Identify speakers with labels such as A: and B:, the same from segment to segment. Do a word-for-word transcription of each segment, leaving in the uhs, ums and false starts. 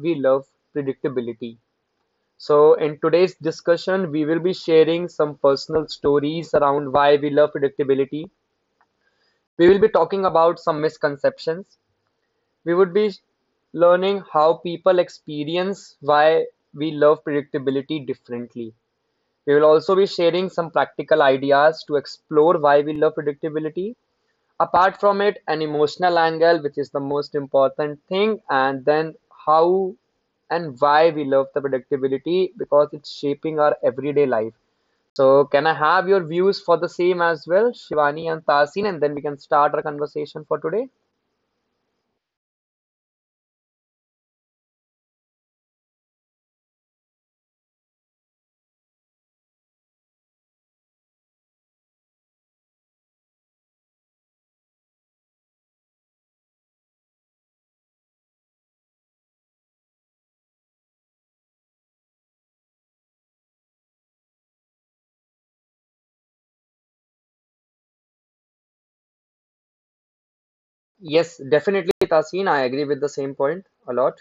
A: we love predictability. So, in today's discussion, we will be sharing some personal stories around why we love predictability. We will be talking about some misconceptions. We would be learning how people experience why we love predictability differently. We will also be sharing some practical ideas to explore why we love predictability. Apart from it, an emotional angle, which is the most important thing, and then how and why we love the predictability because it's shaping our everyday life. So, can I have your views for the same as well, Shivani and Tasin, and then we can start our conversation for today? Yes, definitely, Tasin. I agree with the same point a lot.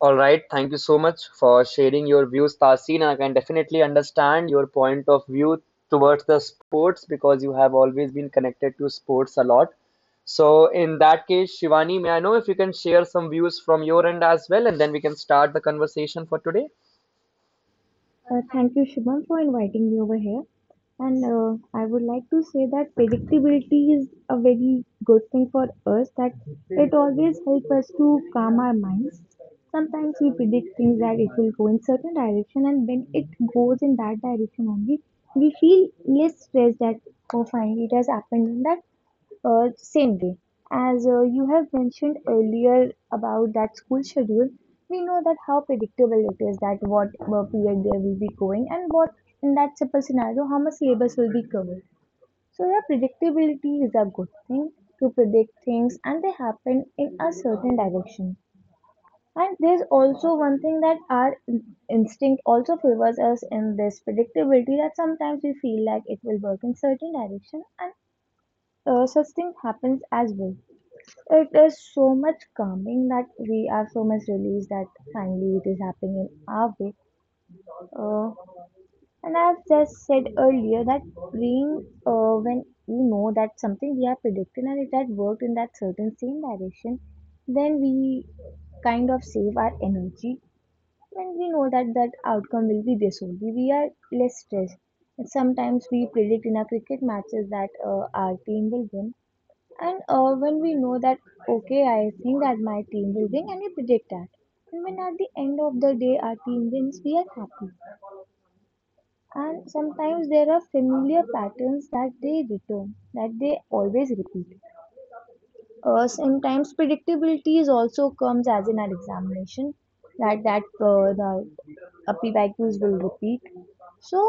A: All right, thank you so much for sharing your views, Tasin. And I can definitely understand your point of view towards the sports because you have always been connected to sports a lot. So, in that case, Shivani, may I know if you can share some views from your end as well, and then we can start the conversation for today?
B: Uh, thank you, Shubham, for inviting me over here. And uh, I would like to say that predictability is a very good thing for us, that it always helps us to calm our minds. Sometimes we predict things that it will go in certain direction, and when it goes in that direction only, we feel less stressed that, oh, fine, it has happened in that uh, same way. As uh, you have mentioned earlier about that school schedule, we know that how predictable it is, that what uh, period they will be going and what in that simple scenario how much syllabus will be covered. So the predictability is a good thing to predict things and they happen in a certain direction. And there's also one thing that our in- instinct also favors us in this predictability, that sometimes we feel like it will work in certain direction and uh, such thing happens as well. It is so much calming that we are so much released that finally it is happening in our way. Uh, and I've just said earlier that being uh, when we know that something we are predicting and it had worked in that certain same direction, then we kind of save our energy when we know that that outcome will be this only. We are less stressed. And sometimes we predict in our cricket matches that uh, our team will win, and uh, when we know that, okay, I think that my team will win, and we predict that. And when at the end of the day our team wins, we are happy. And sometimes there are familiar patterns that they return, that they always repeat. Uh, sometimes predictability is also comes as in our examination that that uh, the P Y Qs will repeat. So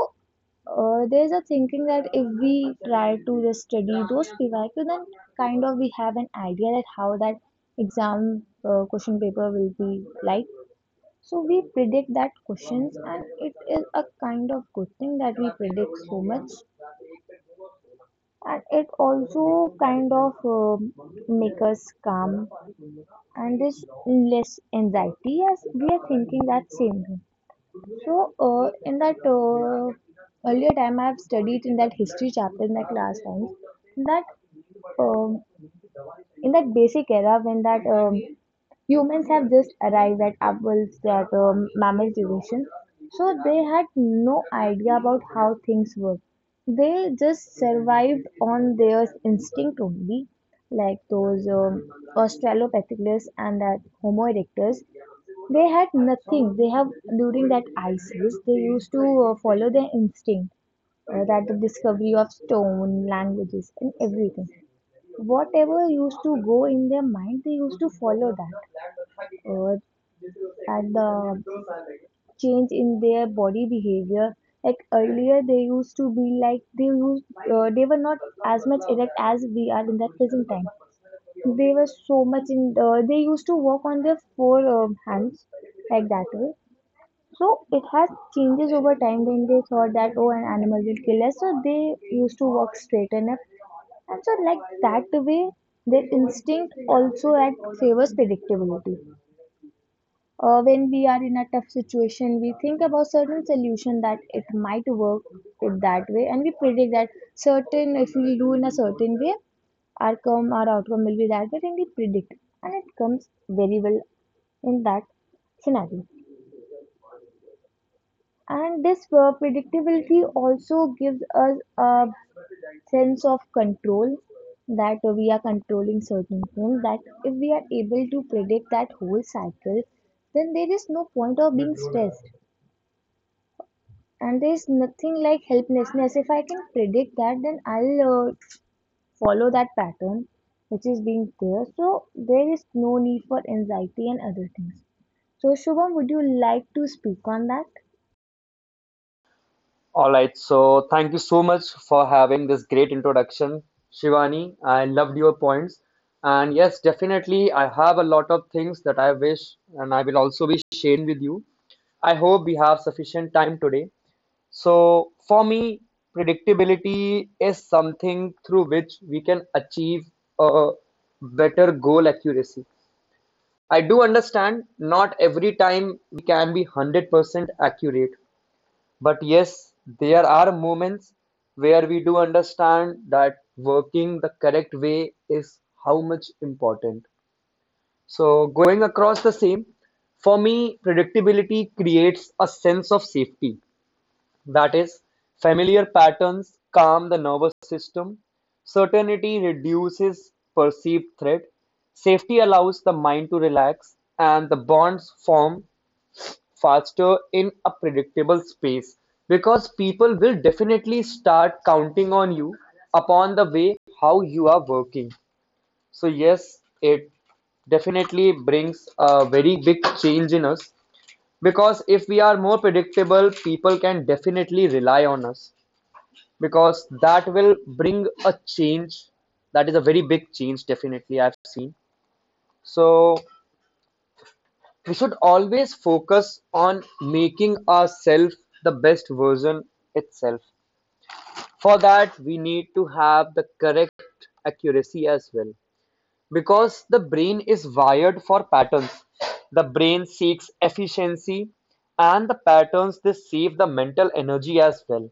B: uh, there's a thinking that if we try to just study those P Y Q, then kind of we have an idea that how that exam uh, question paper will be like. So we predict that questions, and it is a kind of good thing that we predict so much, and it also kind of um make us calm and this less anxiety as we are thinking that same thing. So uh, in that uh, earlier time I have studied in that history chapter in that class times that um, in that basic era, when that um, humans have just arrived at apples, that um, mammals evolution, so they had no idea about how things work, they just survived on their instinct only, like those um, australopithecus and that homo erectus, they had nothing. They have during that ice age. They used to uh, follow their instinct, uh, that the discovery of stone, languages, and everything. Whatever used to go in their mind, they used to follow that. Uh, and the change in their body behavior, like earlier, they used to be like they used, uh, they were not as much erect as we are in that present time. They were so much in. Uh, they used to walk on their four um hands like that way, so it has changes over time when they thought that, oh, an animal will kill us, so they used to walk straight enough. And so like that way their instinct also act favors predictability. Uh, when we are in a tough situation, we think about certain solution that it might work it that way, and we predict that certain, if we do in a certain way, our come our outcome will be that way, and we predict, and it comes very well in that scenario. And this uh, predictability also gives us a sense of control, that we are controlling certain things. That if we are able to predict that whole cycle, then there is no point of being stressed. And there is nothing like helplessness. If I can predict that, then I'll uh, follow that pattern which is being there. So there is no need for anxiety and other things. So, Shubham, would you like to speak on that?
A: All right, so thank you so much for having this great introduction, Shivani. I loved your points. And yes, definitely, I have a lot of things that I wish, and I will also be sharing with you. I hope we have sufficient time today. So, for me, predictability is something through which we can achieve a better goal accuracy. I do understand not every time we can be one hundred percent accurate, but yes, there are moments where we do understand that working the correct way is how much important. So, going across the same, for me, predictability creates a sense of safety. That is, familiar patterns calm the nervous system, certainty reduces perceived threat, safety allows the mind to relax, and the bonds form faster in a predictable space because people will definitely start counting on you upon the way how you are working. So yes, it definitely brings a very big change in us, because if we are more predictable, people can definitely rely on us, because that will bring a change, that is a very big change, definitely I've seen. So we should always focus on making ourselves the best version itself. For that, we need to have the correct accuracy as well, because the brain is wired for patterns. The brain seeks efficiency, and the patterns, they save the mental energy as well,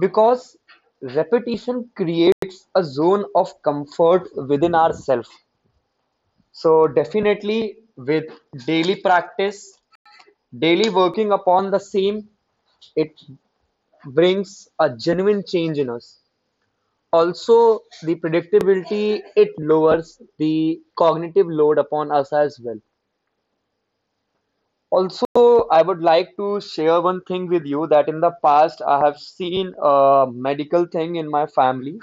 A: because repetition creates a zone of comfort within ourselves. So, definitely with daily practice, daily working upon the same, it brings a genuine change in us. Also, the predictability, it lowers the cognitive load upon us as well. Also, I would like to share one thing with you that in the past I have seen a medical thing in my family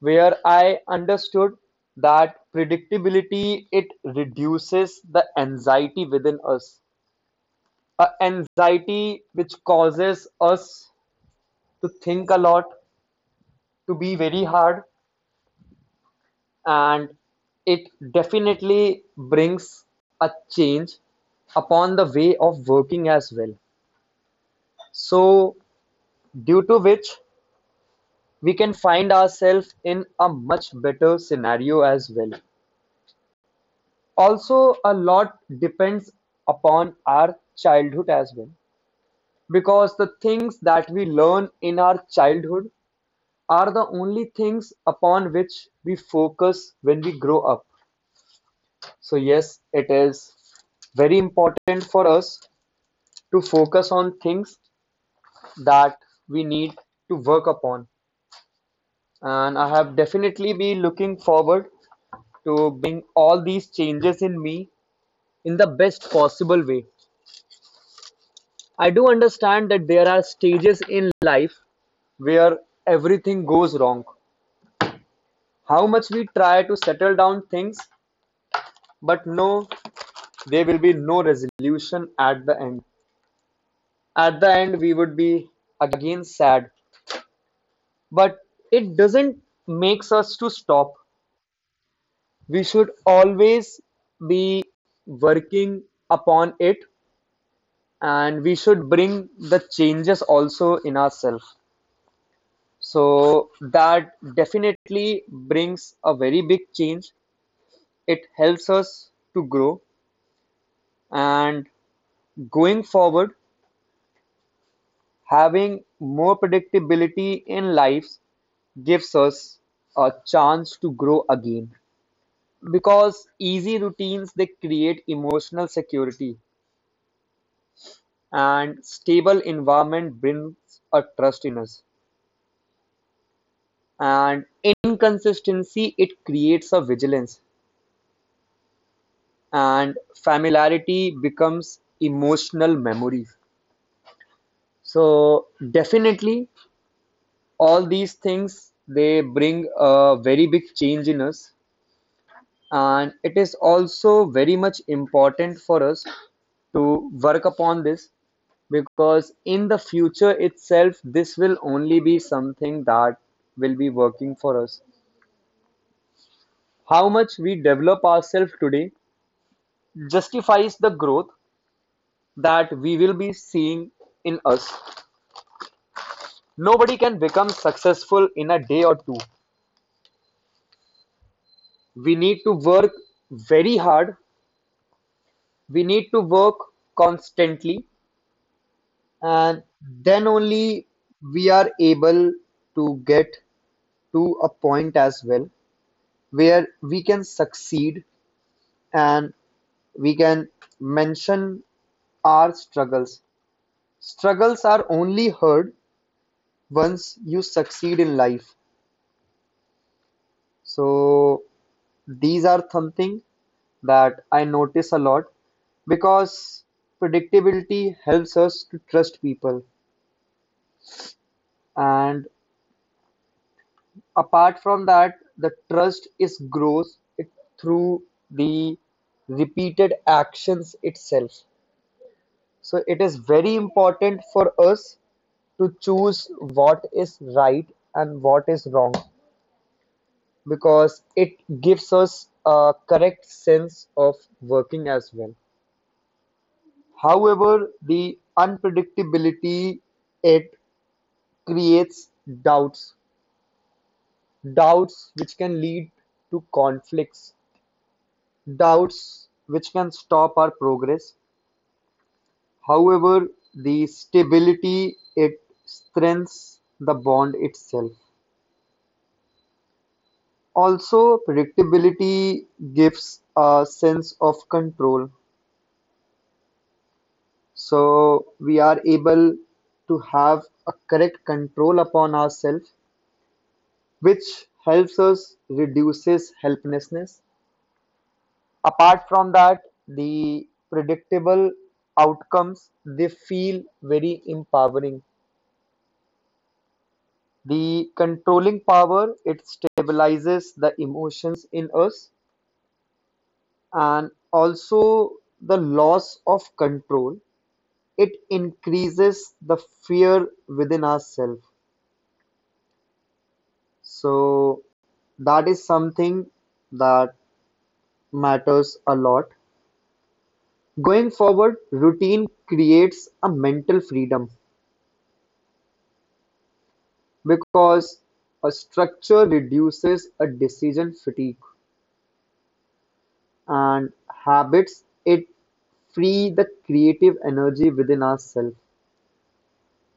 A: where I understood that predictability, it reduces the anxiety within us, a anxiety which causes us to think a lot, to be very hard, and it definitely brings a change upon the way of working as well. So, due to which we can find ourselves in a much better scenario as well. Also, a lot depends upon our childhood as well, because the things that we learn in our childhood are the only things upon which we focus when we grow up. So yes, it is very important for us to focus on things that we need to work upon. And I have definitely been looking forward to bring all these changes in me in the best possible way. I do understand that there are stages in life where everything goes wrong. How much we try to settle down things, but no, there will be no resolution at the end. At the end, we would be again sad, but it doesn't makes us to stop. We should always be working upon it, and we should bring the changes also in ourselves. So that definitely brings a very big change. It helps us to grow and going forward. Having more predictability in life gives us a chance to grow again, because easy routines, they create emotional security, and stable environment brings a trust in us, and inconsistency, it creates a vigilance, and familiarity becomes emotional memories. So definitely all these things, they bring a very big change in us, and it is also very much important for us to work upon this, because in the future itself, this will only be something that will be working for us. How much we develop ourselves today justifies the growth that we will be seeing in us. Nobody can become successful in a day or two. We need to work very hard, we need to work constantly, and then only we are able to get to a point as well where we can succeed and we can mention our struggles. Struggles are only heard once you succeed in life. So these are something that I notice a lot, because predictability helps us to trust people. And apart from that, the trust is grows it through the repeated actions itself. So it is very important for us to choose what is right and what is wrong, because it gives us a correct sense of working as well. However, the unpredictability, it creates doubts, doubts which can lead to conflicts, doubts which can stop our progress. However, the stability, it strengthens the bond itself. Also, predictability gives a sense of control. So, we are able to have a correct control upon ourselves, which helps us reduces helplessness. Apart from that, the predictable outcomes, they feel very empowering. The controlling power, it stabilizes the emotions in us, and also the loss of control, it increases the fear within ourselves. So that is something that matters a lot. Going forward, routine creates a mental freedom, because a structure reduces a decision fatigue, and habits, it free the creative energy within ourselves.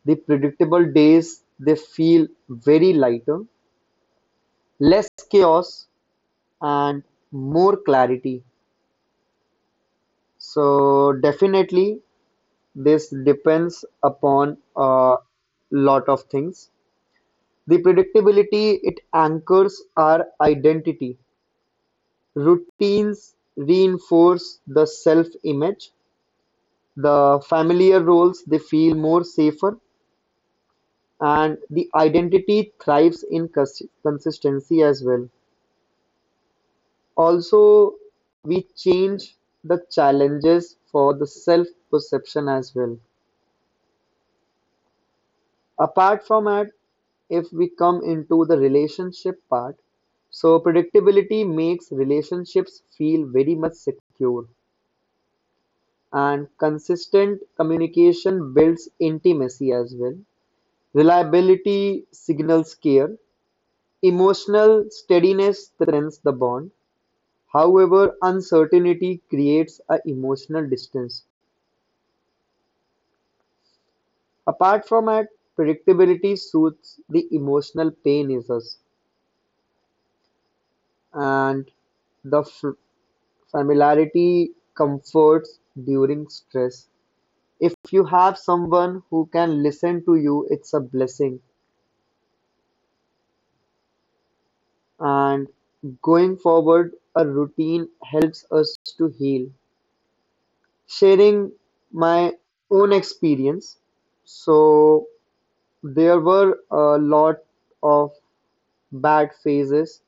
A: The predictable days, they feel very lighter, less chaos, and more clarity. So definitely, this depends upon a lot of things. The predictability, it anchors our identity. Routines reinforce the self-image, the familiar roles, they feel more safer, and the identity thrives in cons- consistency as well. Also, we change the challenges for the self perception as well. Apart from that, if we come into the relationship part, so predictability makes relationships feel very much secure, and consistent communication builds intimacy as well. Reliability signals care, emotional steadiness strengthens the bond, however uncertainty creates an emotional distance. Apart from that, predictability soothes the emotional pain in us, and the f- familiarity comforts during stress. If you have someone who can listen to you, it's a blessing. And going forward, a routine helps us to heal. Sharing my own experience, so there were a lot of bad phases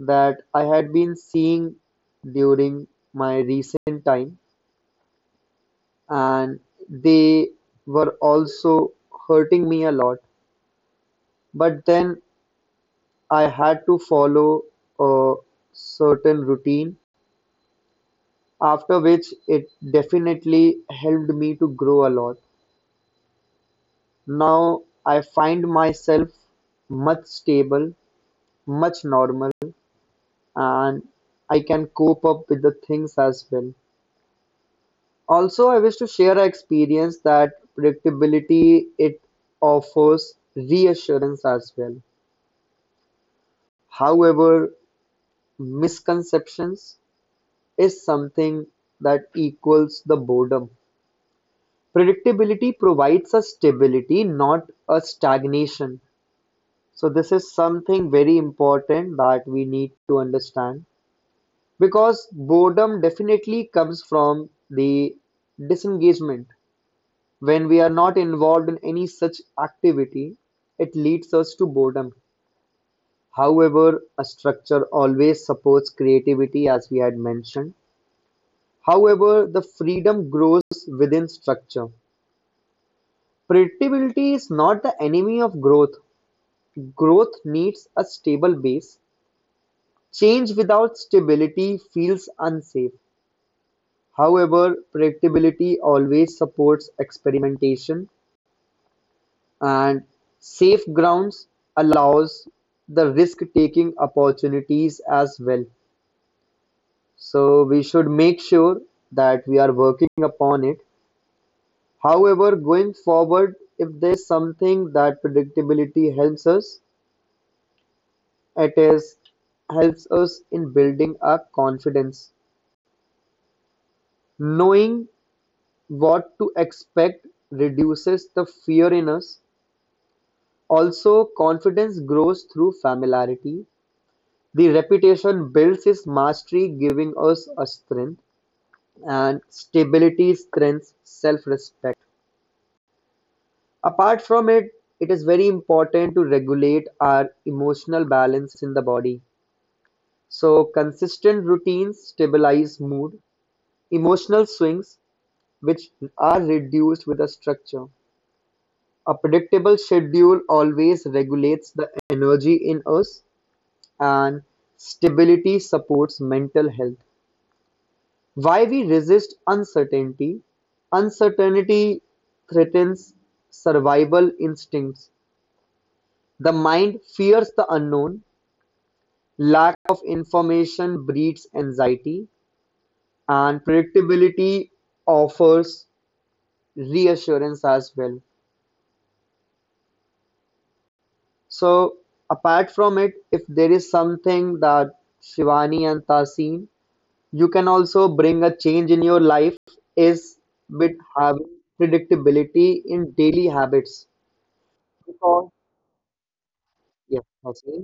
A: that I had been seeing during my recent time, and they were also hurting me a lot. But then I had to follow a certain routine, after which it definitely helped me to grow a lot. Now I find myself much stable, much normal, and I can cope up with the things as well. Also, I wish to share an experience that predictability, it offers reassurance as well. However, misconceptions is something that equals the boredom. Predictability provides a stability, not a stagnation. So this is something very important that we need to understand, because boredom definitely comes from the disengagement. When we are not involved in any such activity, it leads us to boredom. However, a structure always supports creativity as we had mentioned. However, the freedom grows within structure. Predictability is not the enemy of growth. Growth needs a stable base. Change without stability feels unsafe; however, predictability always supports experimentation, and safe grounds allows the risk-taking opportunities as well. So we should make sure that we are working upon it. However, going forward, if there is something that predictability helps us, it is helps us in building our confidence. Knowing what to expect reduces the fear in us. Also, confidence grows through familiarity. The reputation builds its mastery, giving us a strength, and stability strengthens self respect. Apart from it, it is very important to regulate our emotional balance in the body. So, consistent routines stabilize mood, emotional swings, which are reduced with a structure. A predictable schedule always regulates the energy in us, and stability supports mental health. Why we resist uncertainty? Uncertainty threatens survival instincts. The mind fears the unknown, lack of information breeds anxiety, and predictability offers reassurance as well. So, apart from it, if there is something that Shivani and Tasin, you can also bring a change in your life is with having predictability in daily habits. Because, yes, Tasin.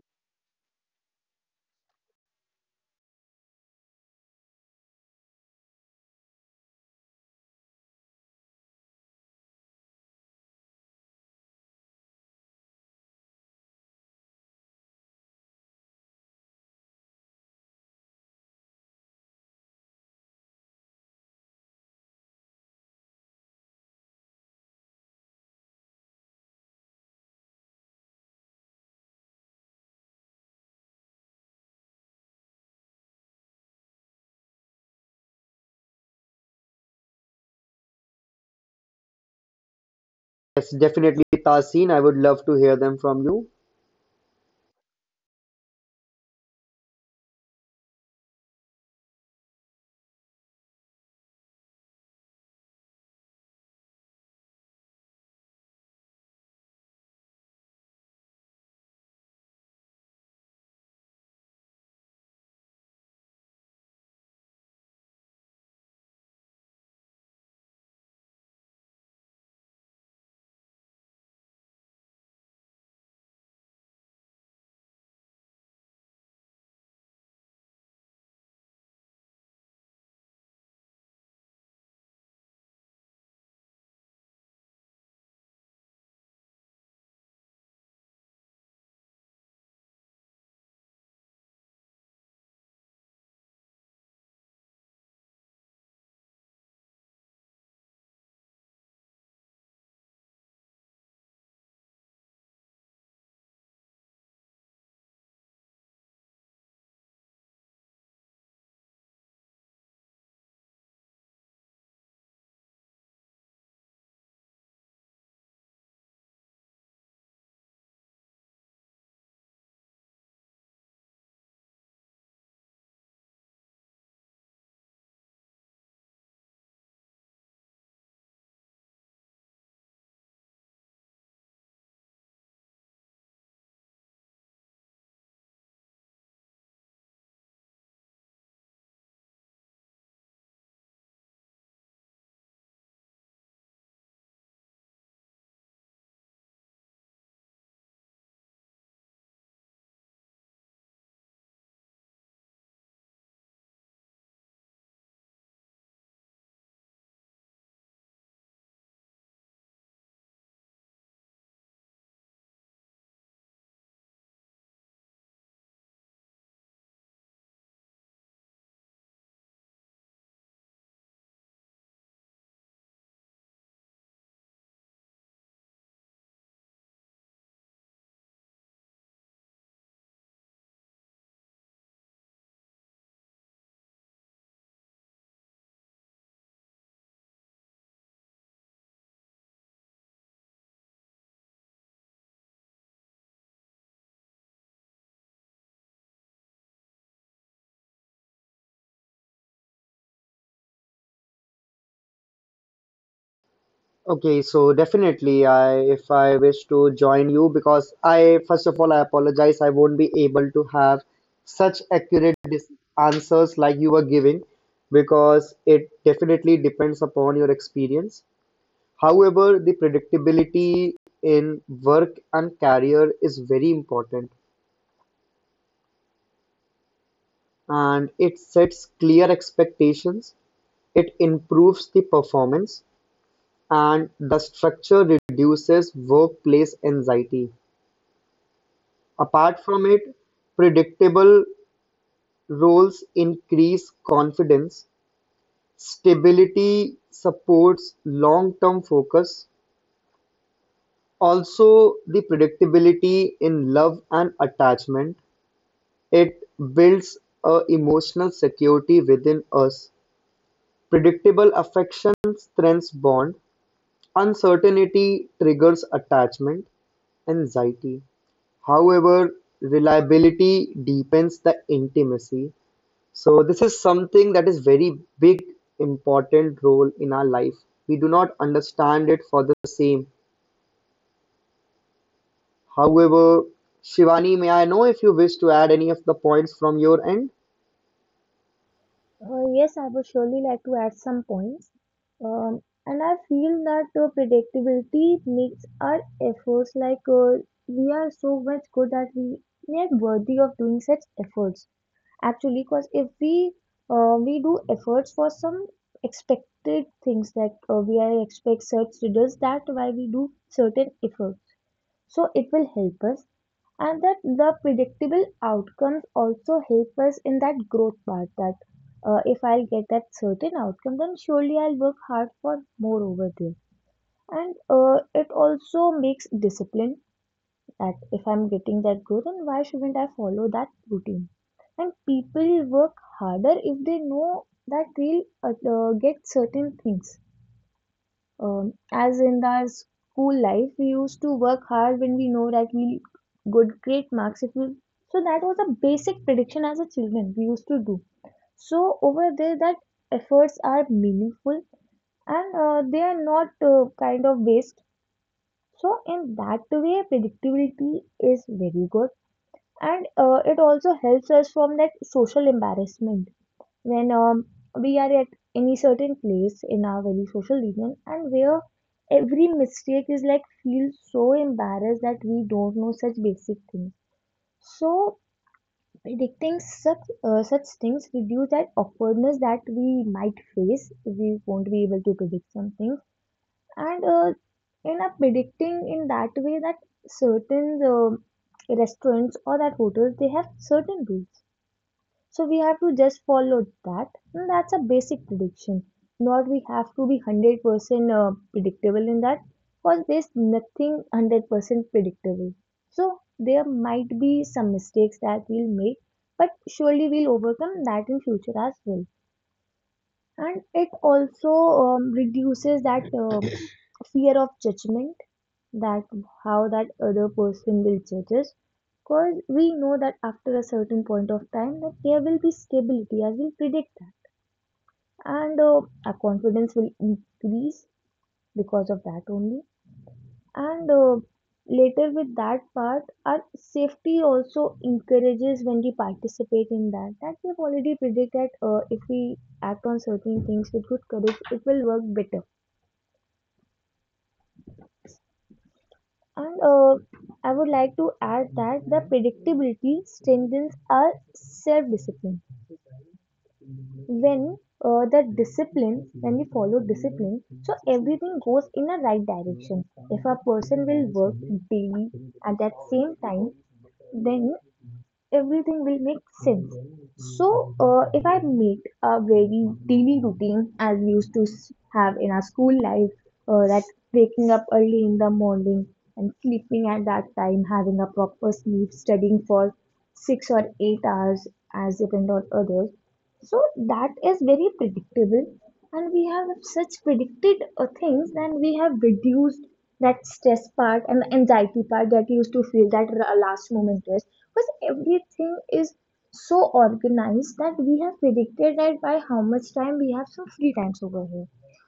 A: Yes, definitely, Tasin. I would love to hear them from you. Okay, so definitely, I if I wish to join you because I first of all I apologize I won't be able to have such accurate dis answers like you were giving because it definitely depends upon your experience. However, the predictability in work and career is very important, and it sets clear expectations. It improves the performance, and the structure reduces workplace anxiety. Apart from it, predictable roles increase confidence, stability supports long-term focus, also the predictability in love and attachment. It builds a emotional security within us. Predictable affection strengthens bond. Uncertainty triggers attachment, anxiety. However, reliability deepens the intimacy. So this is something that is very big important role in our life. We do not understand it for the same. However, Shivani, may I know if you wish to add any of the points from your end?
B: Uh, yes, I would surely like to add some points. Um, and I feel that uh, predictability makes our efforts like uh, we are so much good that we we are worthy of doing such efforts. Actually, because if we uh, we do efforts for some expected things, that uh, we are expect such results, that why we do certain efforts. So it will help us, and that the predictable outcomes also help us in that growth part, that uh, if I'll get that certain outcome, then surely I'll work hard for more over there. And uh, it also makes discipline, that if I'm getting that growth, then why shouldn't I follow that routine? And people work harder if they know that they'll uh, uh, get certain things. Um, as in our school life, we used to work hard when we know that we'll good great marks if we. So that was a basic prediction as a children we used to do. So over there, that efforts are meaningful, and uh, they are not uh, kind of waste. So in that way, predictability is very good, and uh, it also helps us from that social embarrassment, when um, we are at any certain place in our very social region, and where every mistake is like feel so embarrassed that we don't know such basic things. So predicting such uh, such things reduce that awkwardness that we might face if we won't be able to predict some things. And uh, in a predicting in that way, that certain uh, restaurants or that hotels, they have certain rules, so we have to just follow that. And that's a basic prediction. Not we have to be one hundred percent uh, predictable in that, because there's nothing one hundred percent predictable. So there might be some mistakes that we'll make, but surely we'll overcome that in future as well. And it also um, reduces that uh, fear of judgment, that how that other person will judge us, because we know that after a certain point of time, that there will be stability as we predict that. And uh, our confidence will increase because of that only. And uh, later with that part, our safety also encourages when we participate in that that we've already predicted that uh, if we act on certain things with good courage, it will work better. And uh, I would like to add that the predictability strengthens our self discipline. When uh, the discipline, when we follow discipline, so everything goes in a right direction. If a person will work daily at that same time, then everything will make sense. So, uh, if I make a very daily routine as we used to s- have in our school life, uh, that waking up early in the morning and sleeping at that time, having a proper sleep, studying for six or eight hours as depend on others. So that is very predictable, and we have such predicted uh, things, and we have reduced that stress part and the anxiety part that you used to feel, that r- uh, last moment stress. Because everything is so organized that we have predicted that by how much time we have some free times over here.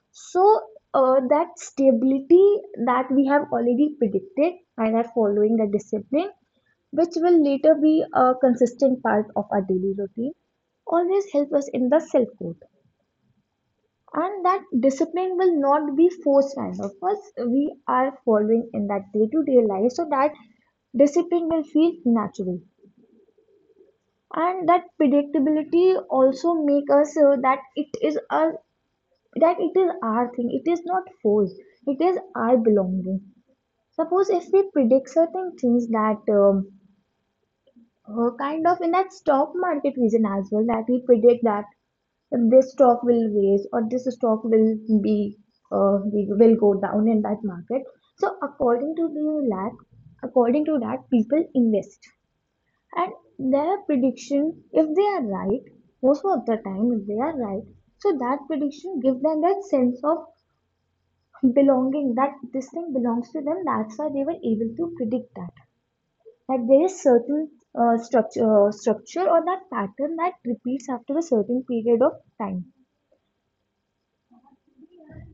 B: So uh, that stability that we have already predicted and are following the discipline, which will later be a consistent part of our daily routine, always help us in the self growth. And that discipline will not be forced kind of us, we are following in that day-to-day life, so that discipline will feel natural. And that predictability also make us uh, that it is a that it is our thing, it is not forced, it is our belonging. Suppose if we predict certain things, that um, uh, kind of in that stock market reason as well, that we predict that this stock will raise or this stock will be uh, will go down in that market. So according to the lack, according to that, people invest, and their prediction, if they are right most of the time, if they are right, so that prediction gives them that sense of belonging, that this thing belongs to them. That's why they were able to predict that, like there is certain uh, structure, uh, structure or that pattern that repeats after a certain period of time.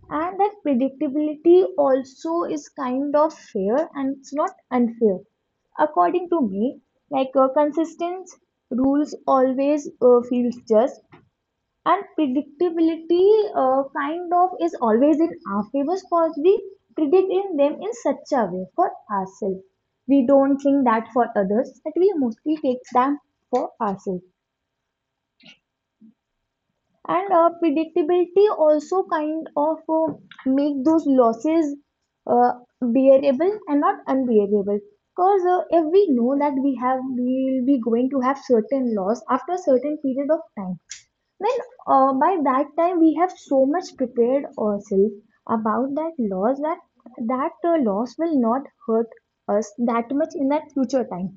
B: And that predictability also is kind of fair and it's not unfair. According to me, like uh, consistent rules always uh, feels just, and predictability uh, kind of is always in our favor, because we predict in them in such a way for ourselves. We don't think that for others, but we mostly take them for ourselves. And uh, predictability also kind of uh, make those losses uh, bearable and not unbearable, because uh, if we know that we have we will be going to have certain loss after a certain period of time, well, uh, by that time we have so much prepared ourselves about that loss that that uh, loss will not hurt us that much in that future time.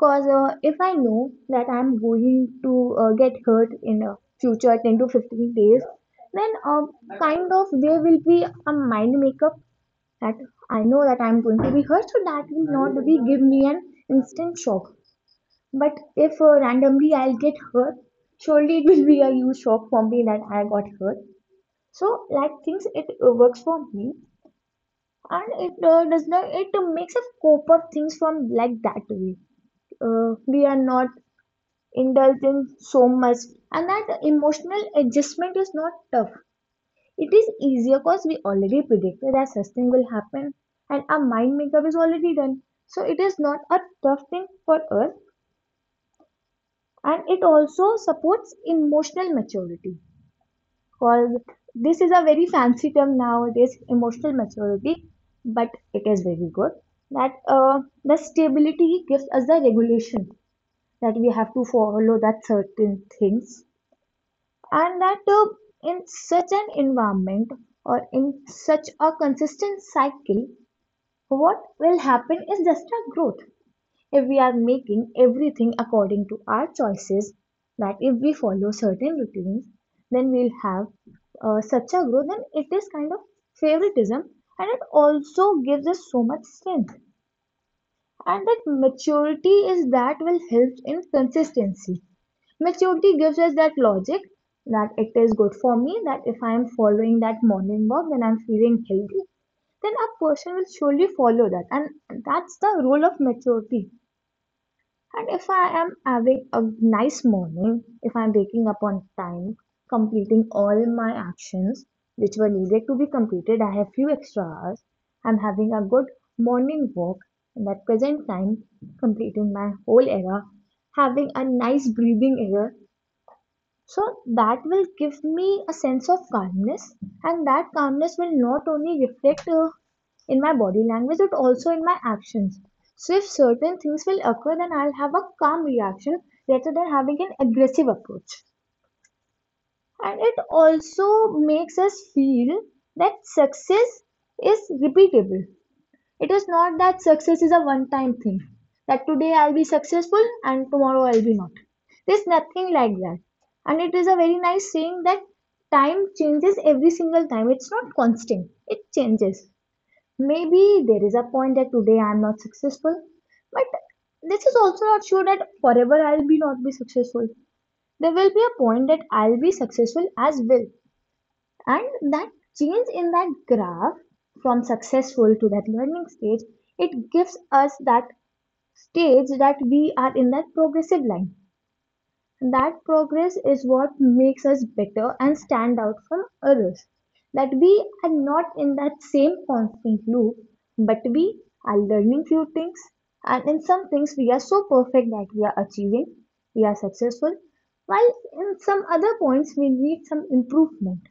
B: Cause uh, if I know that I'm going to uh, get hurt in uh, future ten to fifteen days, then uh, kind of there will be a mind makeup that I know that I'm going to be hurt, so that will not be give me an instant shock. But if uh, randomly I'll get hurt, surely it will be a huge shock for me that I got hurt. So like things, it uh, works for me, and it uh, does not. It makes us cope up things from like that way. Uh, we are not indulging so much, and that emotional adjustment is not tough. It is easier, because we already predicted that such thing will happen, and our mind makeup is already done. So it is not a tough thing for us, and it also supports emotional maturity, because this is a very fancy term nowadays, emotional maturity. But it is very good that uh, the stability gives us the regulation that we have to follow that certain things, and that uh, in such an environment or in such a consistent cycle what will happen is just a growth. If we are making everything according to our choices, that if we follow certain routines, then we'll have uh, such a growth. Then it is kind of favoritism, and it also gives us so much strength, and that maturity is that will help in consistency. Maturity gives us that logic that it is good for me, that if I am following that morning walk, then I'm feeling healthy, then a person will surely follow that. And that's the role of maturity. And if I am having a nice morning, if I'm waking up on time, completing all my actions which were needed to be completed, I have few extra hours. I'm having a good morning walk and at present time, completing my whole era, having a nice breathing air, so that will give me a sense of calmness, and that calmness will not only reflect uh, in my body language but also in my actions. So if certain things will occur, then I'll have a calm reaction rather than having an aggressive approach. And it also makes us feel that success is repeatable. It is not that success is a one time thing, that today I'll be successful and tomorrow I'll be not. There's nothing like that. And it is a very nice saying that time changes every single time. It's not constant, it changes. Maybe there is a point that today I'm not successful, but this is also not sure that forever I'll be not be successful. There will be a point that I'll be successful as well. And that change in that graph from successful to that learning stage, it gives us that stage that we are in that progressive line. That progress is what makes us better and stand out from others, that we are not in that same constant loop, but we are learning few things, and in some things we are so perfect that we are achieving, we are successful, while in some other points we need some improvement.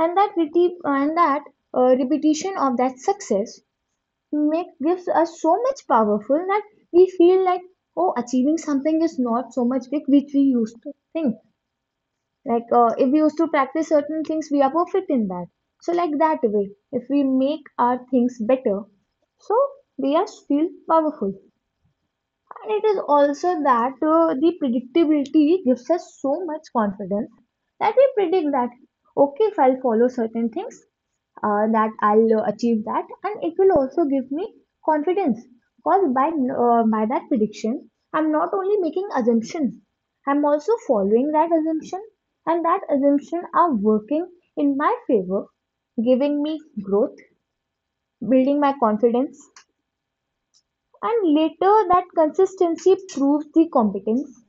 B: And that reti- and that uh, repetition of that success make gives us so much powerful that we feel like, oh, achieving something is not so much big, which we used to think, like, uh, if we used to practice certain things we are perfect in that. So like that way, if we make our things better, so we are feel powerful. And it is also that uh, the predictability gives us so much confidence, that we predict that, okay, if I'll follow certain things, uh, that I'll uh, achieve that, and it will also give me confidence. Because by uh, by that prediction, I'm not only making assumption, I'm also following that assumption, and that assumption are working in my favor, giving me growth, building my confidence, and later that consistency proves the competence.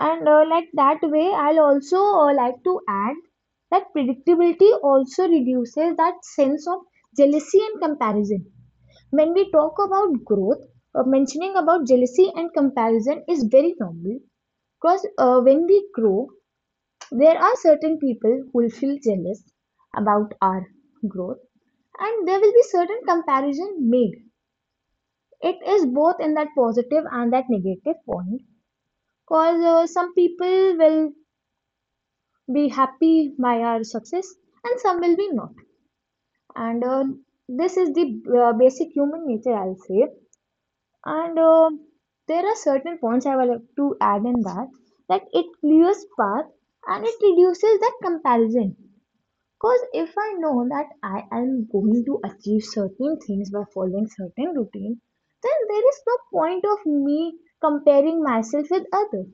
B: And uh, like that way, I'll also uh, like to add that predictability also reduces that sense of jealousy and comparison. When we talk about growth, uh, mentioning about jealousy and comparison is very normal, because uh, when we grow there are certain people who will feel jealous about our growth, and there will be certain comparison made. It is both in that positive and that negative point, because uh, some people will be happy by our success and some will be not. And uh, this is the uh, basic human nature, I'll say. And uh, there are certain points I would like to add in that, that it clears path and it reduces that comparison. Because if I know that I am going to achieve certain things by following certain routine, then there is no point of me comparing myself with others.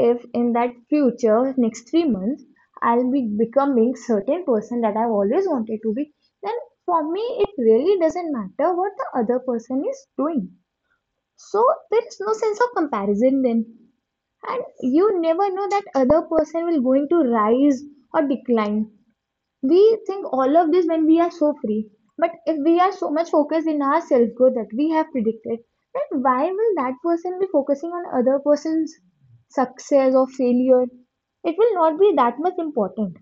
B: If in that future next three months I'll be becoming certain person that I've always wanted to be, then for me it really doesn't matter what the other person is doing. So there is no sense of comparison then, and you never know that other person will going to rise or decline. We think all of this when we are so free, but if we are so much focused in our self growth that we have predicted, then why will that person be focusing on other person's success or failure? It will not be that much important.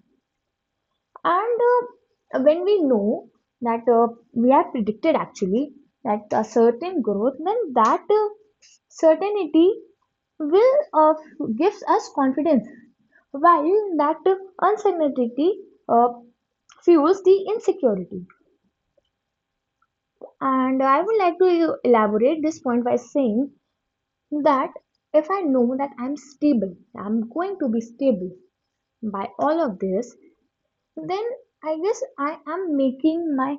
B: And uh, when we know that uh, we are predicted actually that a certain growth, then that uh, certainty will uh, gives us confidence, while that uh, uncertainty uh, fuels the insecurity. And I would like to e-, elaborate this point by saying that if I know that I'm stable, I'm going to be stable by all of this, then I guess I am making my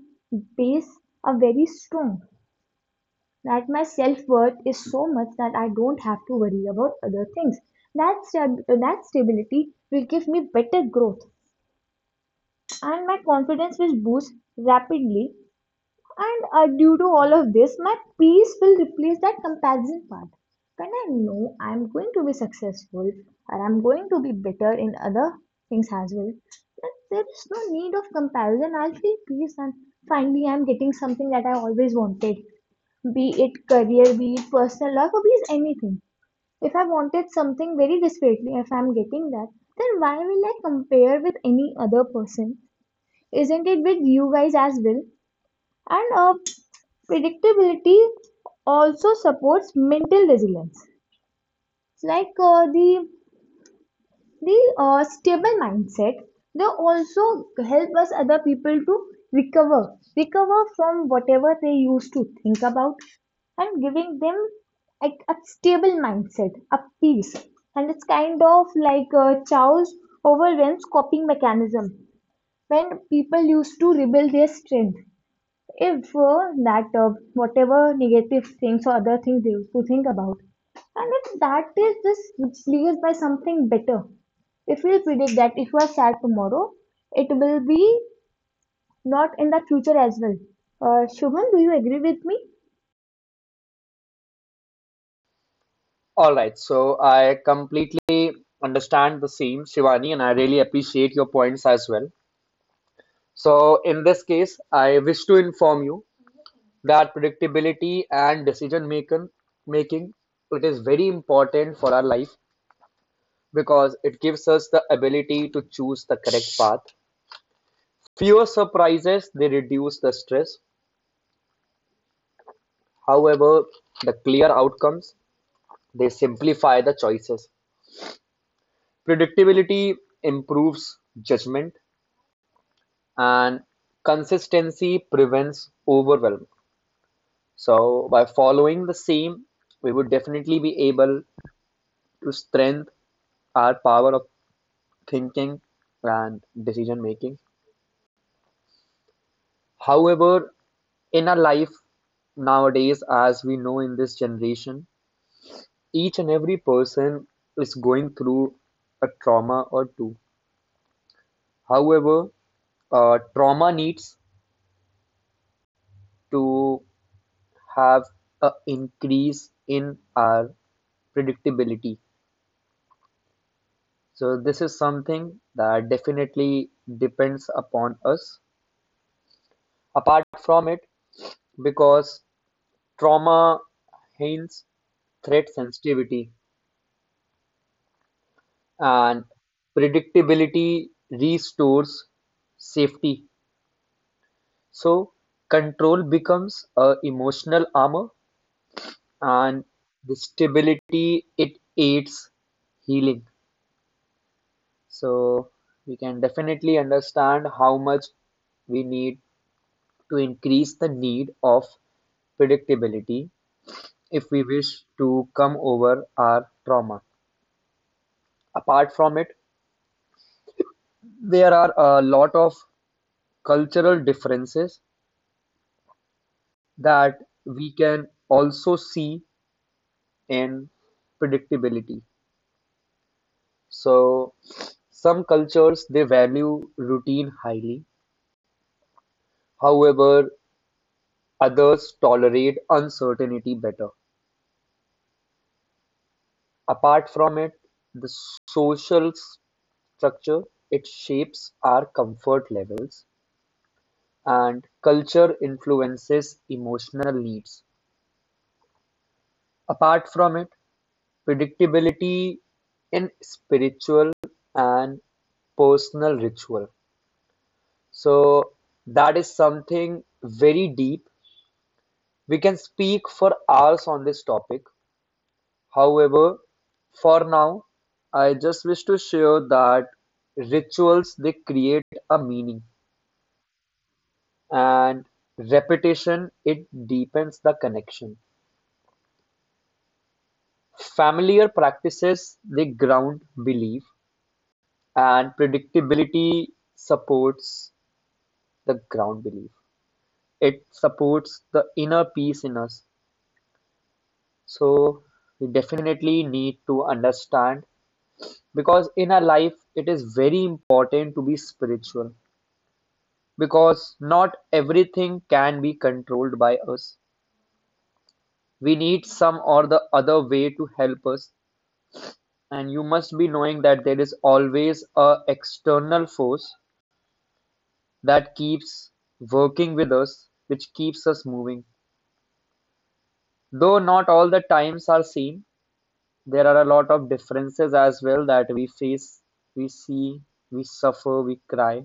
B: base a very strong, that my self worth is so much that I don't have to worry about other things. That stab- that stability will give me better growth, and my confidence will boost rapidly, and uh, due to all of this, my peace will replace that comparison part. When I know I'm going to be successful or I'm going to be better in other things as well, then there is no need of comparison. I'll feel peace, and finally I'm getting something that I always wanted. Be it career, be it personal love, or be it anything. If I wanted something very desperately, if I'm getting that, then why will I compare with any other person? Isn't it with you guys as well? And uh, predictability also supports mental resilience. Like uh, the the uh, stable mindset, they also help us other people to recover, recover from whatever they used to think about, and giving them a, a stable mindset, a peace. And it's kind of like uh, Chow's overwhelms coping mechanism, when people used to rebuild their strength, if uh, that uh, whatever negative things or other things they used to think about, and if that is just replaced by something better. If we predict that if you are sad tomorrow, it will be not in the future as well. uh, Shubham, do you agree with me?
A: All right, so I completely understand the same, Shivani, and I really appreciate your points as well. So, in this case, I wish to inform you that predictability and decision making making, it is very important for our life because it gives us the ability to choose the correct path. Fewer surprises, they reduce the stress. However, the clear outcomes, they simplify the choices. Predictability improves judgment, and consistency prevents overwhelm. So, by following the same, we would definitely be able to strengthen our power of thinking and decision making. However, in our life nowadays, as we know, in this generation, each and every person is going through a trauma or two. However, uh, trauma needs to have a increase in our predictability. So this is something that definitely depends upon us. Apart from it, because trauma hints threat sensitivity, and predictability restores safety. So control becomes a emotional armor, and the stability, it aids healing. So we can definitely understand how much we need to increase the need of predictability if we wish to come over our trauma. Apart from it, there are a lot of cultural differences that we can also see in predictability. So, some cultures, they value routine highly, however, others tolerate uncertainty better. Apart from it, the social structure, it shapes our comfort levels, and culture influences emotional needs. Apart from it, predictability in spiritual and personal ritual. So that is something very deep. We can speak for hours on this topic. However, for now, I just wish to share that rituals, they create a meaning, and repetition, it deepens the connection. Familiar practices, they ground belief, and predictability supports the ground belief. It supports the inner peace in us. So we definitely need to understand, because in our life it is very important to be spiritual, because not everything can be controlled by us. We need some or the other way to help us, and you must be knowing that there is always a external force that keeps working with us, which keeps us moving, though not all the times are same. There are a lot of differences as well that we face, we see, we suffer, we cry,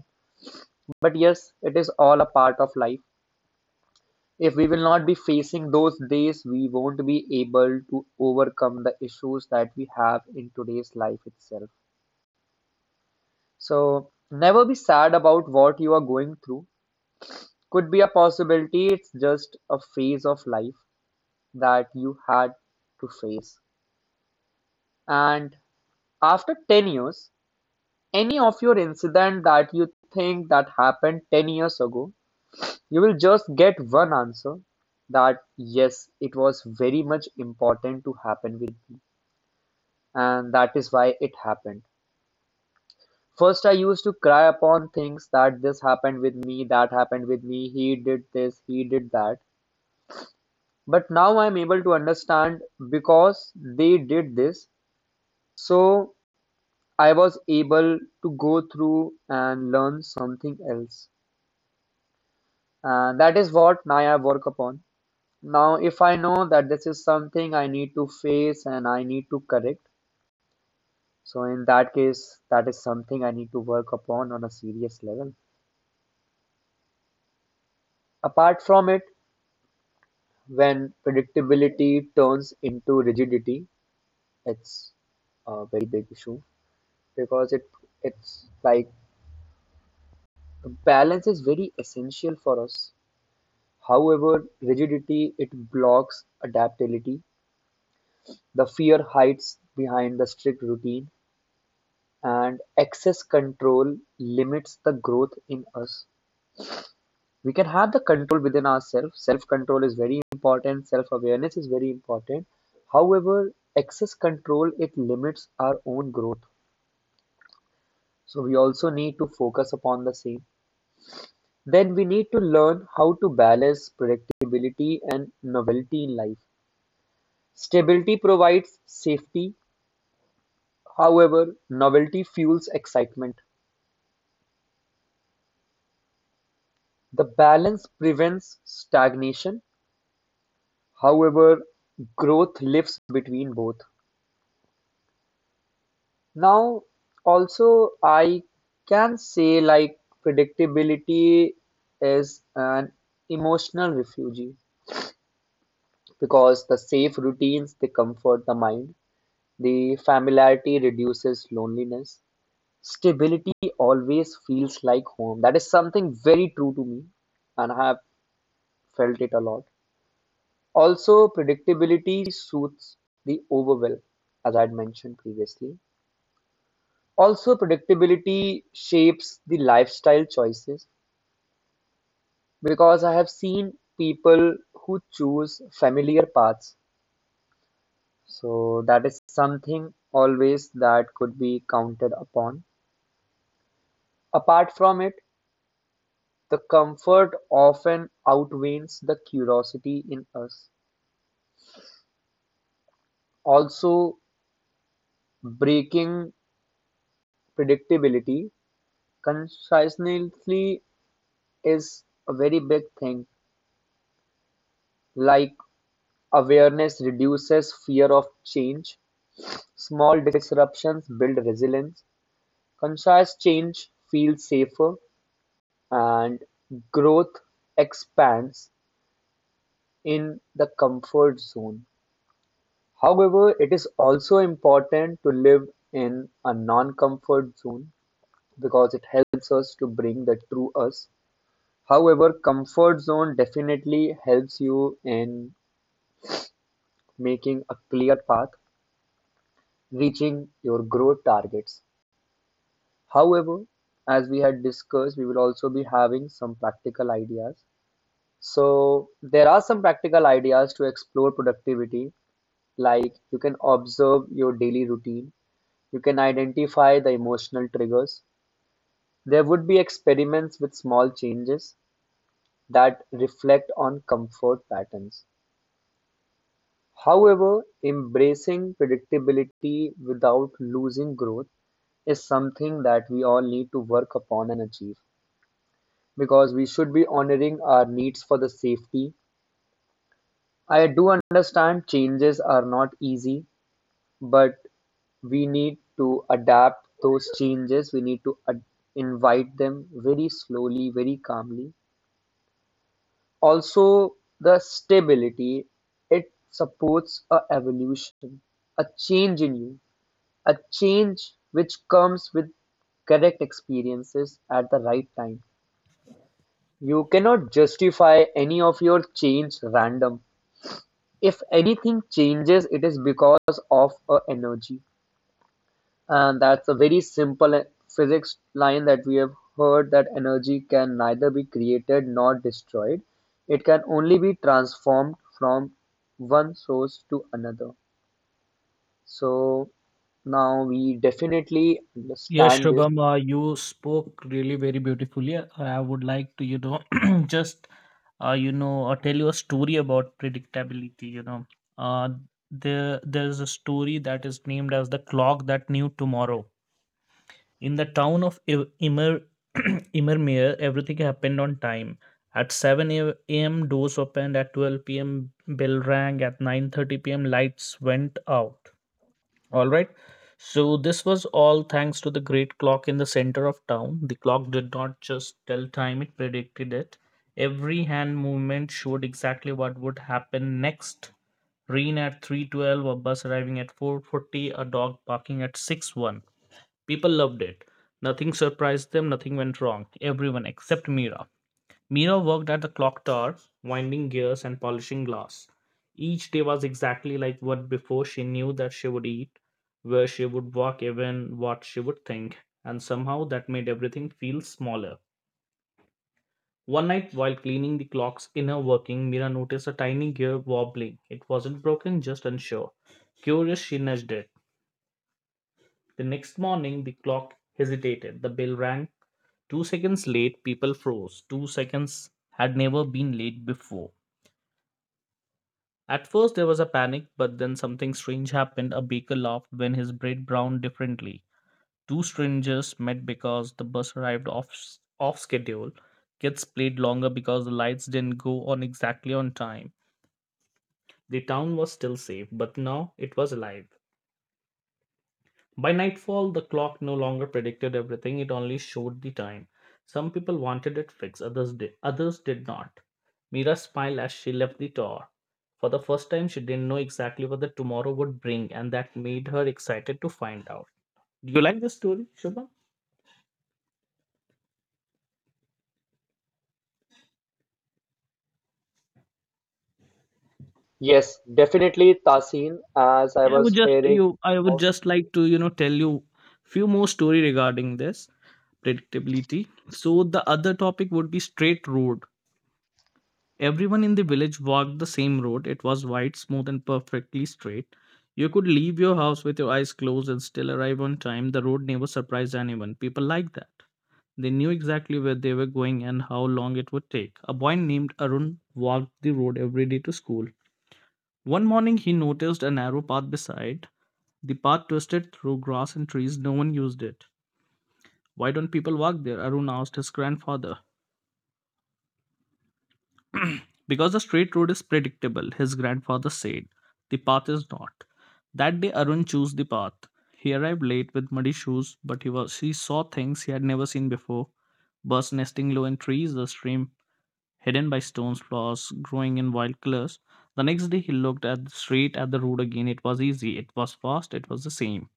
A: but yes, it is all a part of life. If we will not be facing those days, we won't be able to overcome the issues that we have in today's life itself. So never be sad about what you are going through. Could be a possibility it's just a phase of life that you had to face, and after ten years, any of your incident that you think that happened ten years ago, you will just get one answer, that yes, it was very much important to happen with me, and that is why it happened. First I used to cry upon things, that this happened with me, that happened with me, he did this, he did that, but now I'm able to understand, because they did this, so I was able to go through and learn something else. And that is what Naya work upon. Now, if I know that this is something I need to face and I need to correct, so in that case, that is something I need to work upon on a serious level. Apart from it, when predictability turns into rigidity, it's a very big issue because it it's like balance is very essential for us. However, rigidity, it blocks adaptability. The fear hides behind the strict routine, and excess control limits the growth in us. We can have the control within ourselves. Self control is very important, self awareness is very important, however, excess control, it limits our own growth. So we also need to focus upon the same. Then we need to learn how to balance predictability and novelty in life. Stability provides safety, however, novelty fuels excitement. The balance prevents stagnation. However, growth lives between both. Now, also, I can say like predictability is an emotional refuge, because the safe routines, they comfort the mind, the familiarity reduces loneliness, stability always feels like home. That is something very true to me, and I have felt it a lot. Also, predictability suits the overwhelm, as I had mentioned previously. Also, predictability shapes the lifestyle choices, because I have seen people who choose familiar paths. So that is something always that could be counted upon. Apart from it, the comfort often outweighs the curiosity in us. Also, breaking predictability consciously is a very big thing. Like awareness reduces fear of change. Small disruptions build resilience, concise change feels safer, and growth expands in the comfort zone. However, it is also important to live in a non-comfort zone because it helps us to bring the true us. However, comfort zone definitely helps you in making a clear path, reaching your growth targets. However, as we had discussed, we will also be having some practical ideas. So, there are some practical ideas to explore productivity, like you can observe your daily routine, you can identify the emotional triggers. There would be experiments with small changes that reflect on comfort patterns. However, embracing predictability without losing growth is something that we all need to work upon and achieve, because we should be honoring our needs for the safety. I do understand changes are not easy, but we need to adapt those changes. We need to ad- invite them very slowly, very calmly. Also, the stability, it supports a evolution, a change in you, a change which comes with correct experiences at the right time. You cannot justify any of your change random. If anything changes, it is because of a energy. And that's a very simple physics line that we have heard, that energy can neither be created nor destroyed. It can only be transformed from one source to another. So now we definitely
C: Yes,
A: understand this.
C: Shubham, uh, you spoke really very beautifully. I I would like to, you know, just, uh, you know, uh, tell you a story about predictability. You know, uh, there there's a story that is named as the clock that knew tomorrow. In the town of I- Immer Immermere, everything happened on time. At seven a m, doors opened. At twelve p m, bell rang. At nine thirty p m, lights went out. All right. So this was all thanks to the great clock in the center of town. The clock did not just tell time, it predicted it. Every hand movement showed exactly what would happen next. Rain at three twelve, a bus arriving at four forty, a dog barking at six one. People loved it. Nothing surprised them, nothing went wrong. Everyone except Mira. Mira worked at the clock tower, winding gears and polishing glass. Each day was exactly like what before she knew that she would eat, where she would walk, even what she would think, and somehow that made everything feel smaller. One night, while cleaning the clock's inner working, Mira noticed a tiny gear wobbling. It wasn't broken, just unsure. Curious, she nudged it. The next morning, the clock hesitated. The bell rang. Two seconds late, people froze. Two seconds had never been late before. At first, there was a panic, but then something strange happened. A baker laughed when his bread browned differently. Two strangers met because the bus arrived off, off schedule. Kids played longer because the lights didn't go on exactly on time. The town was still safe, but now it was alive. By nightfall, the clock no longer predicted everything, it only showed the time. Some people wanted it fixed, others did, others did not. Mira smiled as she left the tower. For the first time, she didn't know exactly what the tomorrow would bring, and that made her excited to find out. Do you like this story, Shubham?
A: Yes, definitely Tasin, as I
C: Yeah, I would
A: was
C: just
A: hearing
C: you I would
A: about.
C: just like to, you know, tell you few more story regarding this predictability. So the other topic would be straight road. Everyone in the village walked the same road. It was wide, smooth, and perfectly straight. You could leave your house with your eyes closed and still arrive on time. The road never surprised anyone. People liked that. They knew exactly where they were going and how long it would take. A boy named Arun walked the road every day to school. One morning, he noticed a narrow path beside. The path twisted through grass and trees. No one used it. Why don't people walk there? Arun asked his grandfather. Because the straight road is predictable, his grandfather said. The path is not. That day Arun chose the path. He arrived late with muddy shoes, but he was he saw things he had never seen before. Birds nesting low in trees, the stream hidden by stones, flowers growing in wild colors. The next day he looked at straight at the road again. It was easy, it was fast, it was the same.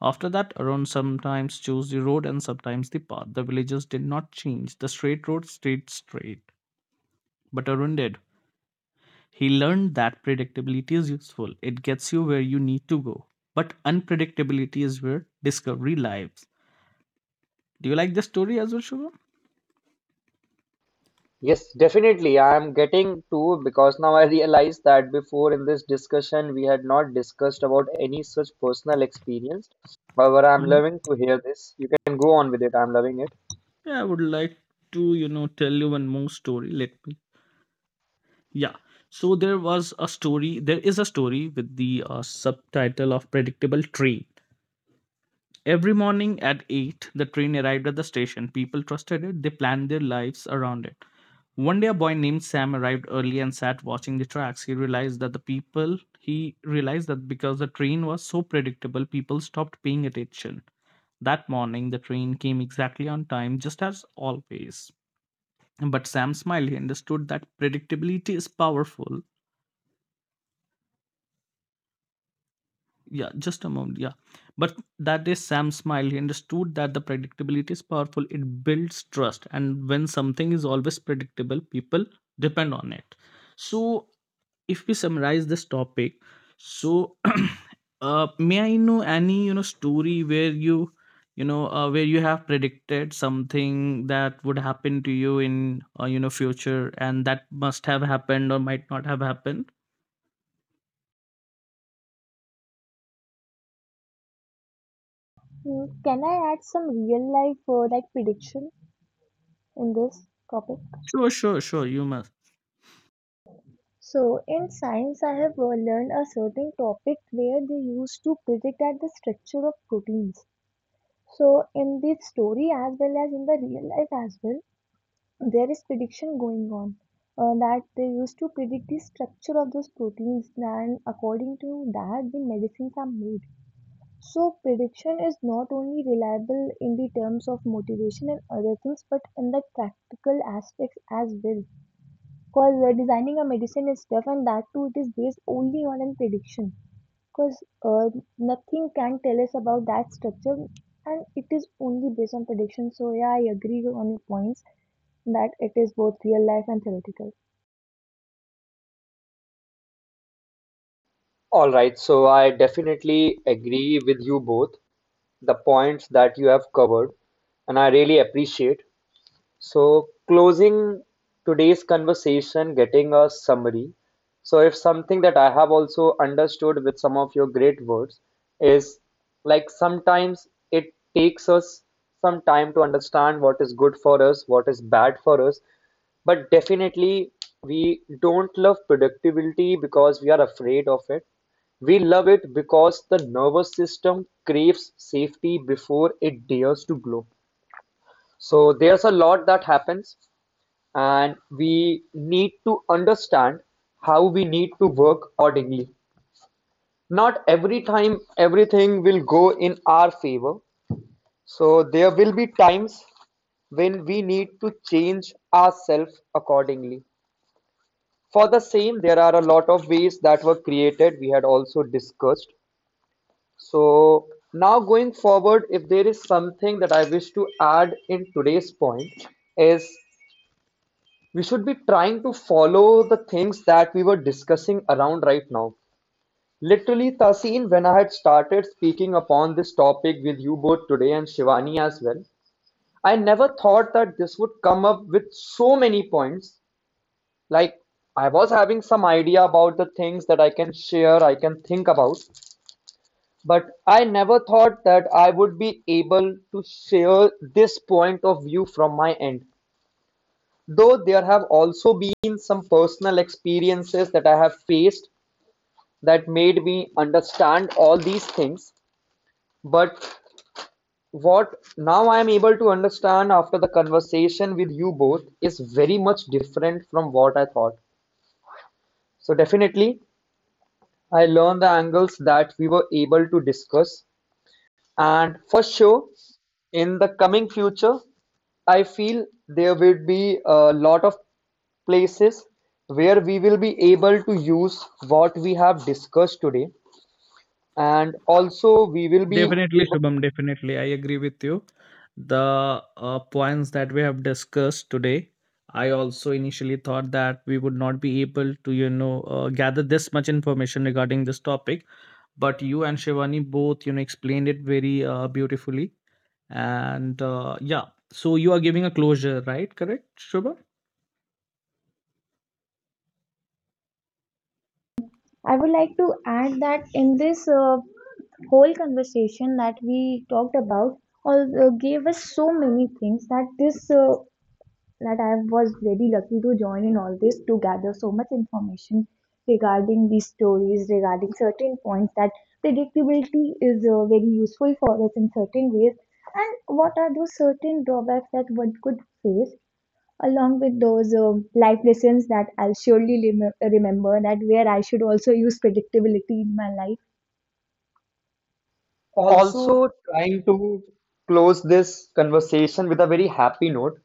C: After that, Arun sometimes chose the road and sometimes the path. The villagers did not change. The straight road stayed straight. But Arun did. He learned that predictability is useful, it gets you where you need to go. But unpredictability is where discovery lies. Do you like this story as well, Shubham?
A: Yes, definitely. I am getting to, because now I realize that before in this discussion we had not discussed about any such personal experience. However, I'm
C: Mhm.
A: loving to hear this. You can go on with it. I'm loving it.
C: Yeah, I would like to, you know, tell you one more story. Let me. Yeah. So there was a story. There is a story with the uh, subtitle of predictable tree. Every morning at eight, the train arrived at the station. People trusted it, they planned their lives around it. One day, a boy named Sam arrived early and sat watching the tracks. He realized that the people, he realized that because the train was so predictable, people stopped paying attention. That morning, the train came exactly on time, just as always. But Sam smiled. He understood that predictability is powerful. Yeah, just a moment. Yeah. But that is day Sam smiled. He understood that the predictability is powerful. It builds trust, and when something is always predictable, people depend on it. So if we summarize this topic, so uh, may I know any you know story where you you know uh, where you have predicted something that would happen to you in uh, you know future, and that must have happened or might not have happened?
B: Hmm, Can I add some real life uh, like prediction in this topic?
C: Sure, sure, sure. you must
B: So in science, I have uh, learned a certain topic where they used to predict that the structure of proteins. So in this story as well as in the real life as well, there is prediction going on. Uh, that they used to predict the structure of those proteins, and according to that the medicines are made. So prediction is not only reliable in the terms of motivation and other things, but in the practical aspects as well. Because uh, designing a medicine is tough, and that too it is based only on a prediction, because uh, nothing can tell us about that structure, and it is only based on prediction. So yeah, I agree on your points that it is both real life and theoretical.
A: All right. So I definitely agree with you both the points that you have covered, and I really appreciate. So, closing today's conversation, getting a summary. So, if something that I have also understood with some of your great words is like, sometimes it takes us some time to understand what is good for us, what is bad for us, but definitely we don't love productivity because we are afraid of it. We love it because the nervous system craves safety before it dares to grow. So there's a lot that happens, and we need to understand how we need to work accordingly. Not every time everything will go in our favor. So there will be times when we need to change ourselves accordingly. For the same, there are a lot of ways that were created, we had also discussed. So now going forward, if there is something that I wish to add in today's point, is we should be trying to follow the things that we were discussing around right now. Literally, Tasin, when I had started speaking upon this topic with you both today and Shivani as well, I never thought that this would come up with so many points. Like, I was having some idea about the things that I can share, I can think about, but I never thought that I would be able to share this point of view from my end. Though there have also been some personal experiences that I have faced that made me understand all these things. But what now I am able to understand after the conversation with you both is very much different from what I thought. So, definitely, I learned the angles that we were able to discuss. And for sure, in the coming future, I feel there will be a lot of places where we will be able to use what we have discussed today. And also, we will be
C: Definitely,
A: able,
C: Shubham. Definitely, I agree with you. The uh, points that we have discussed today, I also initially thought that we would not be able to, you know, uh, gather this much information regarding this topic. But you and Shivani both, you know, explained it very uh, beautifully. And uh, yeah, so you are giving a closure, right? Correct, Shubham?
B: I would like to add that in this uh, whole conversation that we talked about all uh, gave us so many things, that this uh, that I was very lucky to join in all this, to gather so much information regarding these stories, regarding certain points that predictability is uh, very useful for us in certain ways. And what are those certain drawbacks that one could face, along with those um life lessons that I'll surely remem- remember, that where I should also use predictability in my life? Also.
A: also trying to close this conversation with a very happy note.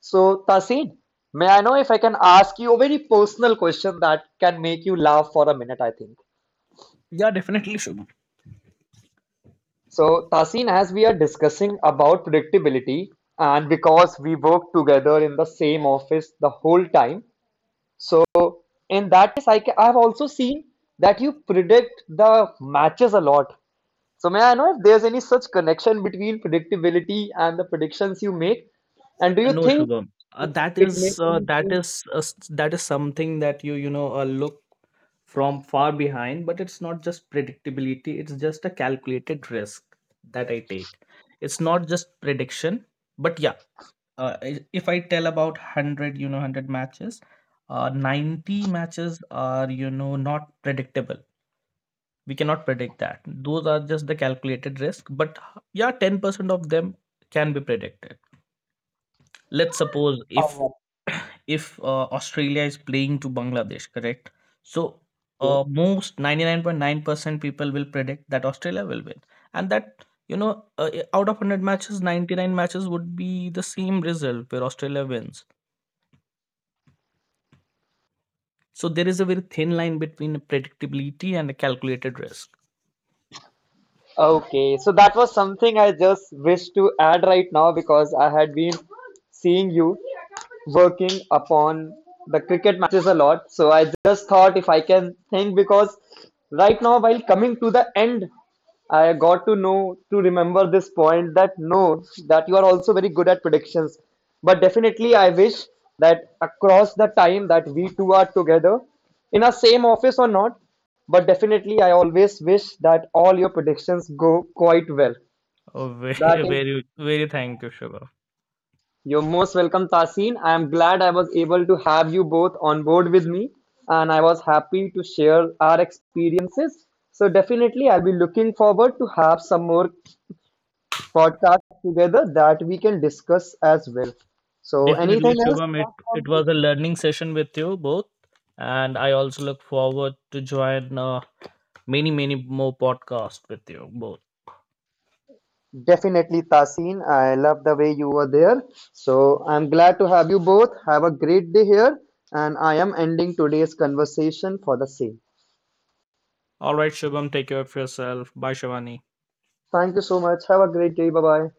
A: So, Tasin, may I know if I can ask you a very personal question that can make you laugh for a minute, I think.
C: Yeah, definitely, Shubham.
A: So, Tasin, as we are discussing about predictability, and because we work together in the same office the whole time, so in that case, I ca- I've also seen that you predict the matches a lot. So, may I know if there's any such connection between predictability and the predictions you make? And do
C: Uh,
A: you
C: No,
A: think
C: Shubham. Uh, that
A: it
C: is
A: makes
C: uh,
A: any
C: that
A: change
C: is uh, s- that is something that you you know uh, look from far behind, but it's not just predictability. It's just a calculated risk that I take. It's not just prediction, but yeah. Uh, i- if I tell about hundred, you know, hundred matches, uh, ninety matches are you know not predictable. We cannot predict that. Those are just the calculated risk. But h- yeah, ten percent of them can be predicted, let's suppose.
A: or
C: If
A: not?
C: if uh, Australia is playing to Bangladesh, correct? So
A: Yes.
C: uh, most ninety-nine point nine percent people will predict that Australia will win, and that you know uh, i- out of a hundred matches, ninety-nine matches would be the same result where Australia wins. So there is a very thin line between predictability and a calculated risk.
A: Okay, so that was something I just wish to add right now because I had been seeing you working upon the cricket matches a lot. So I just thought if I can think, because right now, while coming to the end, I got to know to remember this point, that no, that you are also very good at predictions. But definitely, I wish that across the time that we two are together in our same office or not, but definitely, I always wish that all your predictions go quite well.
C: Oh,
A: That
C: very
A: is,
C: very, very, thank you, Shubham.
A: you're most welcome, Tasin. I am glad I was able to have you both on board with me, and I was happy to share our experiences. So definitely, I'll be looking forward to have some more podcast together that we can discuss as well. So, anything
C: Definitely,
A: else
C: Shubham, it,
A: apart from
C: it
A: this?
C: was a learning session with you both, and I also look forward to join uh, many, many more podcasts with you both.
A: Definitely, Tasin. I love the way you were there. So, I'm glad to have you both. Have a great day here. And I am ending today's conversation for the same.
C: All right, Shubham, take care of yourself. Bye, Shivani.
A: Thank you so much. Have a great day. Bye bye.